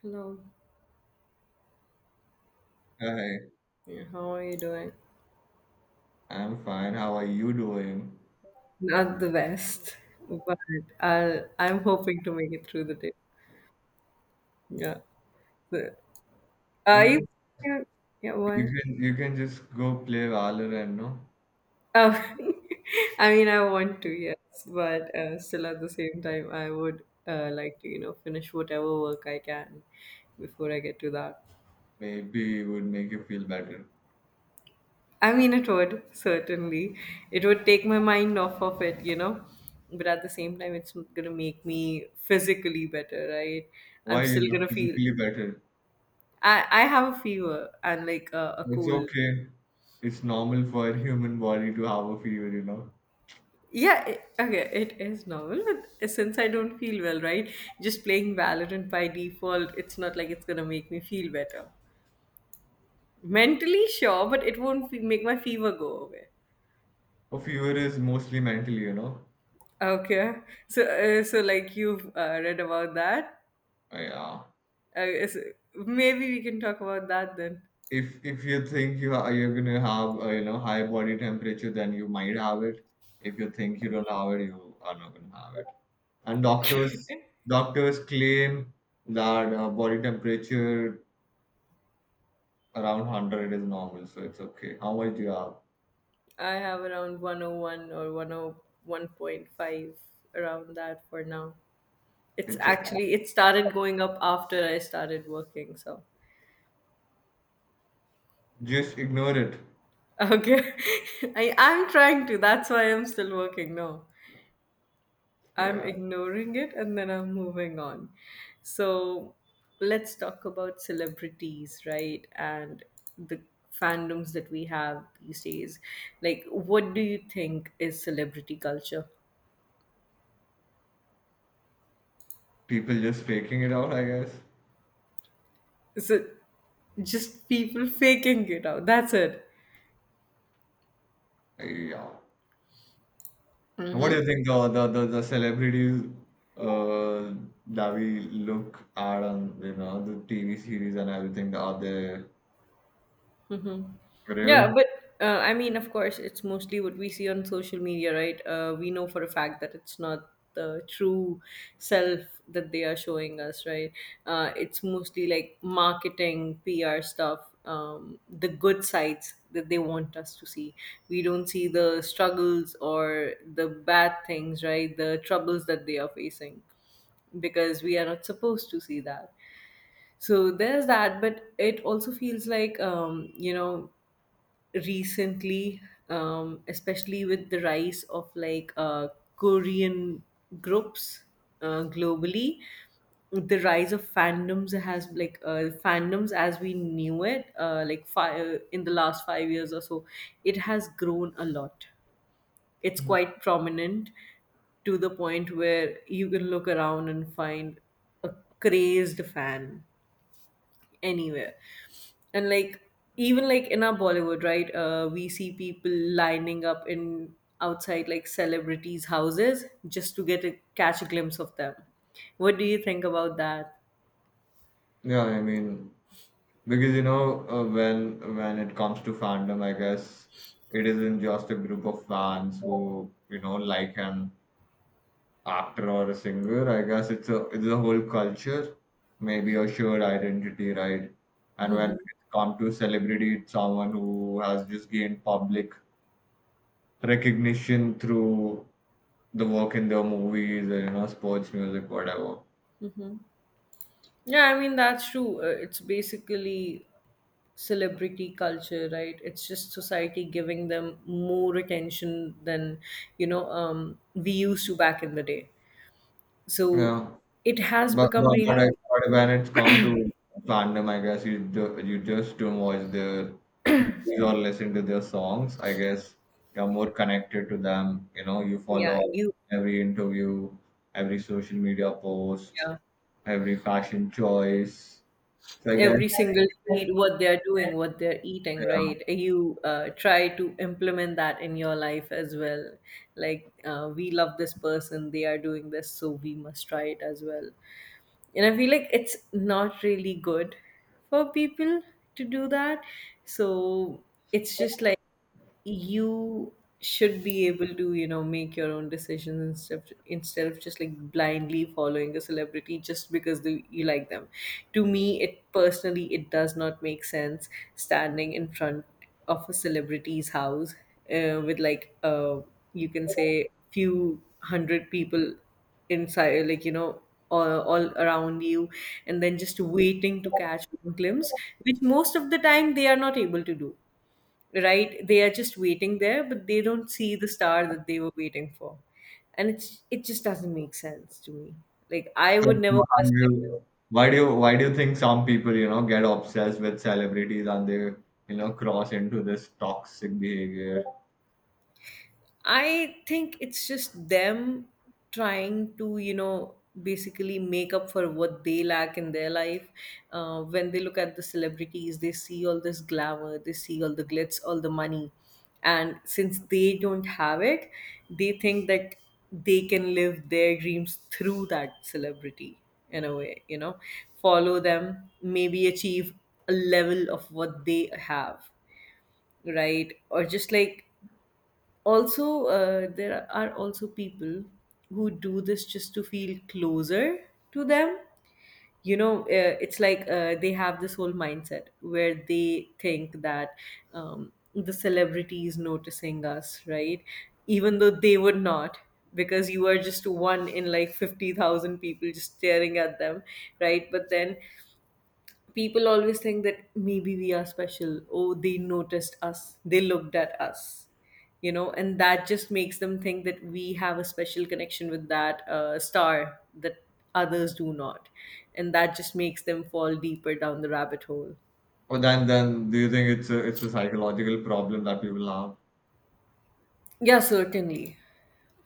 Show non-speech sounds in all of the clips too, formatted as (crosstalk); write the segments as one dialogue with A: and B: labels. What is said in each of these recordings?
A: Hello.
B: Hi,
A: Yeah, how are you doing?
B: I'm fine. How are you doing?
A: Not the best, but I'm hoping to make it through the day. Yeah. So, are you?
B: Maybe
A: Yeah,
B: you
A: why?
B: can you can just go play Valorant, no?
A: Oh, (laughs) I mean, I want to, yes, but still at the same time, I would like to, you know, finish whatever work I can before I get to that.
B: Maybe it would make you feel better.
A: I mean, it would, certainly. It would take my mind off of it, you know. But at the same time, it's going to make me physically better, right?
B: Why
A: I'm
B: you're
A: still
B: not
A: going to feel.
B: physically better?
A: I have a fever and like a
B: It's
A: cold.
B: okay. It's normal for a human body to have a fever, you know.
A: Yeah, it, okay, it is normal, but since I don't feel well, right? Just playing Valorant by default, it's not like it's going to make me feel better. Mentally, sure, but it won't make my fever go away.
B: A fever is mostly mental, you know.
A: Okay, so like you've read about that.
B: Yeah.
A: I guess maybe we can talk about that then.
B: If you think you are you're gonna have high body temperature, then you might have it. If you think you don't have it, you are not gonna have it. And doctors doctors claim that body temperature around 100 is normal, so it's okay. How much do you have?
A: I have around 101 or 101.5 around that for now. It's
B: It's okay,
A: actually it started going up after I started working, so
B: just ignore it.
A: okay. (laughs) I am trying to, that's why I'm still working now. I'm
B: Yeah,
A: ignoring it and then I'm moving on. So let's talk about celebrities, right? And the fandoms that we have these days. Like, what do you think is celebrity culture?
B: people just faking it out, I guess.
A: Is it just people faking it out? That's it.
B: Yeah. What do
A: Mm-hmm.
B: you think the celebrities, uh, that we look at on, you know, the tv series and everything, are they
A: Hmm. Yeah,
B: real?
A: but I mean, of course, it's mostly what we see on social media, right? We know for a fact that it's not the true self that they are showing us, right? It's mostly like marketing, PR stuff, the good sides that they want us to see. We don't see the struggles or the bad things, right? The troubles that they are facing because we are not supposed to see that. So there's that, but it also feels like, you know, recently, especially with the rise of Korean groups globally, the rise of fandoms has fandoms as we knew it, like five in the last 5 years or so, it has grown a lot. It's quite prominent to the point where you can look around and find a crazed fan anywhere, and like even like in our Bollywood, right? We see people lining up in outside like celebrities' houses just to get a catch a glimpse of them. What do you think about that?
B: Yeah, I mean, because you know, when it comes to fandom, I guess it isn't just a group of fans who, you know, like an actor or a singer. I guess it's a, it's a whole culture, maybe a shared identity, right? And when
A: Hmm.
B: it comes to celebrity, it's someone who has just gained public recognition through the work in their movies and, you know, sports, music, whatever.
A: Hmm. Yeah, I mean, that's true. It's basically celebrity culture, right? It's just society giving them more attention than, you know, we used to back in the day, so
B: Yeah.
A: it has
B: But
A: become
B: but but, I,
A: really,
B: but when it's come to fandom, I guess you just don't watch their movies or listen to their songs. I guess you're more connected to them. You know, you
A: yeah.
B: follow
A: You,
B: every interview, every social media post,
A: yeah,
B: every fashion choice. So I guess
A: every single tweet, what they're doing, what they're eating,
B: yeah.
A: right? You try to implement that in your life as well. We love this person, they are doing this, so we must try it as well. And I feel like it's not really good for people to do that. So it's just like you should be able to, you know, make your own decisions instead of just like blindly following a celebrity just because you like them. To me, it personally, it does not make sense standing in front of a celebrity's house, with like you can say few hundred people inside, like, you know, all around you, and then just waiting to catch one glimpse, which most of the time they are not able to do, right? They are just waiting there, but they don't see the star that they were waiting for. And it's it just doesn't make sense to me. Like, I
B: So
A: would never
B: how do
A: personally do.
B: you, why do you think some people, you know, get obsessed with celebrities and they, you know, cross into this toxic behavior?
A: I think it's just them trying to, you know, basically make up for what they lack in their life. When they look at the celebrities, they see all this glamour, they see all the glitz, all the money. And since they don't have it, they think that they can live their dreams through that celebrity in a way, you know, follow them, maybe achieve a level of what they have, right? Or just like also there are also people who do this just to feel closer to them, you know. It's like they have this whole mindset where they think that the celebrity is noticing us, right, even though they would not, because you are just one in like 50,000 people just staring at them, right? But then people always think that maybe we are special. Oh, they noticed us, they looked at us, you know, and that just makes them think that we have a special connection with that star that others do not. And that just makes them fall deeper down the rabbit hole.
B: Oh, then do you think it's a psychological problem that people have?
A: Yeah, certainly.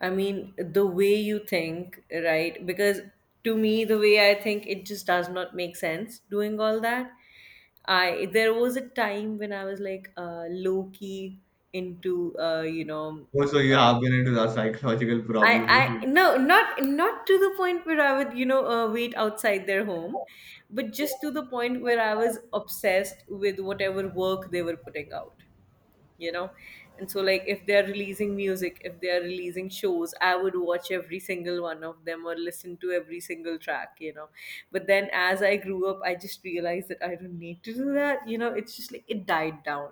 A: I mean, the way you think, right? Because to me, the way I think, it just does not make sense doing all that. I there was a time when I was low key into you know,
B: Oh, so you
A: uh,
B: have been into that psychological problem.
A: I no, not to the point where I would, you know, wait outside their home, but just to the point where I was obsessed with whatever work they were putting out, you know. And so like if they're releasing music, if they're releasing shows, I would watch every single one of them or listen to every single track, you know. But then as I grew up, I just realized that I don't need to do that, you know. It's just like it died down,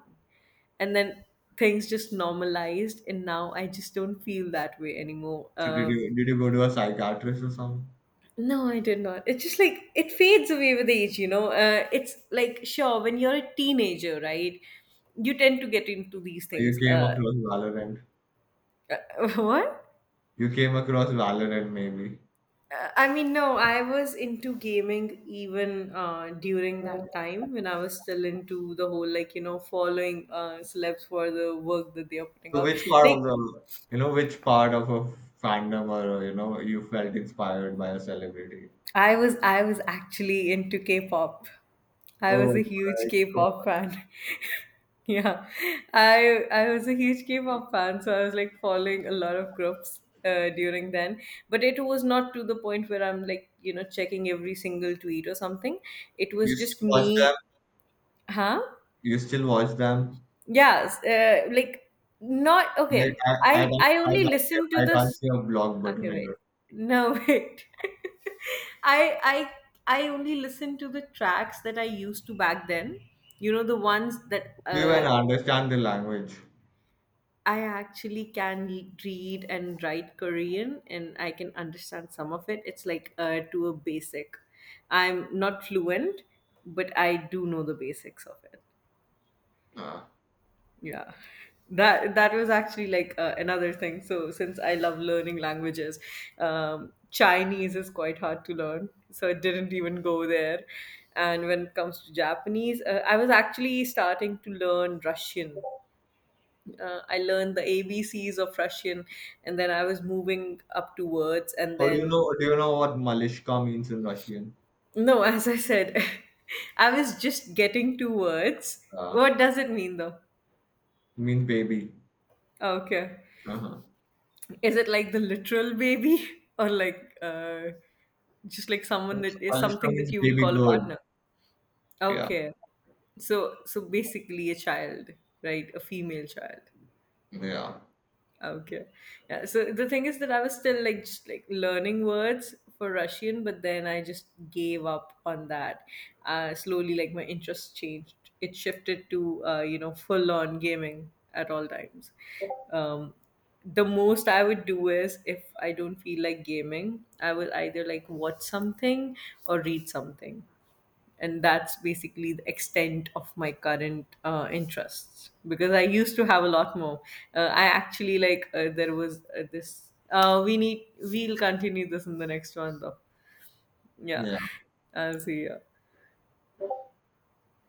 A: and then things just normalized, and now I just don't feel that way anymore.
B: So did
A: Um,
B: you did you go to a psychiatrist or something?
A: no, I did not. It's just like it fades away with age, you know. It's like sure when you're a teenager, right? You tend to get into these
B: Or you
A: things.
B: came across Valorant.
A: (laughs) What?
B: You came across Valorant maybe.
A: I mean, no, I was into gaming even during that time when I was still into the whole, like, you know, following celebs for the work that they are putting
B: So
A: out.
B: which part of
A: Like,
B: the, you know, which part of a fandom, or you know, you felt inspired by a celebrity?
A: I was actually into K-pop. I
B: Oh
A: was a
B: my
A: huge
B: God.
A: K-pop fan. (laughs) Yeah, I was a huge K-pop fan, so I was like following a lot of groups during then. But it was not to the point where I'm like, you know, checking every single tweet or something. It was
B: You still
A: just
B: watch them?
A: me, huh?
B: You still watch them?
A: Yes, like not
B: I
A: okay.
B: I
A: I
B: can't,
A: I only listen to
B: I can't
A: this.
B: see a block button
A: Okay, wait.
B: here.
A: No, (laughs) wait. I I I only listen to the tracks that I used to back then. You know, the ones that
B: Do you even understand the language?
A: I actually can read and write Korean, and I can understand some of it. It's like to a basic. I'm not fluent, but I do know the basics of it. Yeah. That was actually another thing. So since I love learning languages, Chinese is quite hard to learn. So I didn't even go there. And when it comes to Japanese, I was actually starting to learn Russian. I learned the ABCs of Russian, and then I was moving up to words. And
B: Or do you
A: then,
B: know do you know what Malishka means in Russian?
A: no, (laughs) as I said, (laughs) I was just getting to words.
B: Uh,
A: What does it mean though?
B: it means baby.
A: Okay.
B: Uh-huh.
A: Is it like the literal baby (laughs) or just like someone that is
B: Malishka
A: something
B: means
A: that you would
B: baby
A: call a
B: girl.
A: partner?
B: Yeah.
A: Okay. So so basically a child, right? A female child.
B: Yeah.
A: Okay. Yeah. So the thing is that I was still like just like learning words for Russian, but then I just gave up on that. Slowly, like my interest changed. It shifted to you know, full on gaming at all times. Um, the most I would do is if I don't feel like gaming, I will either like watch something or read something, and that's basically the extent of my current interests, because I used to have a lot more. Uh, I actually like there was this We need, we'll continue this in the next one though. Yeah,
B: Yeah.
A: I'll see you.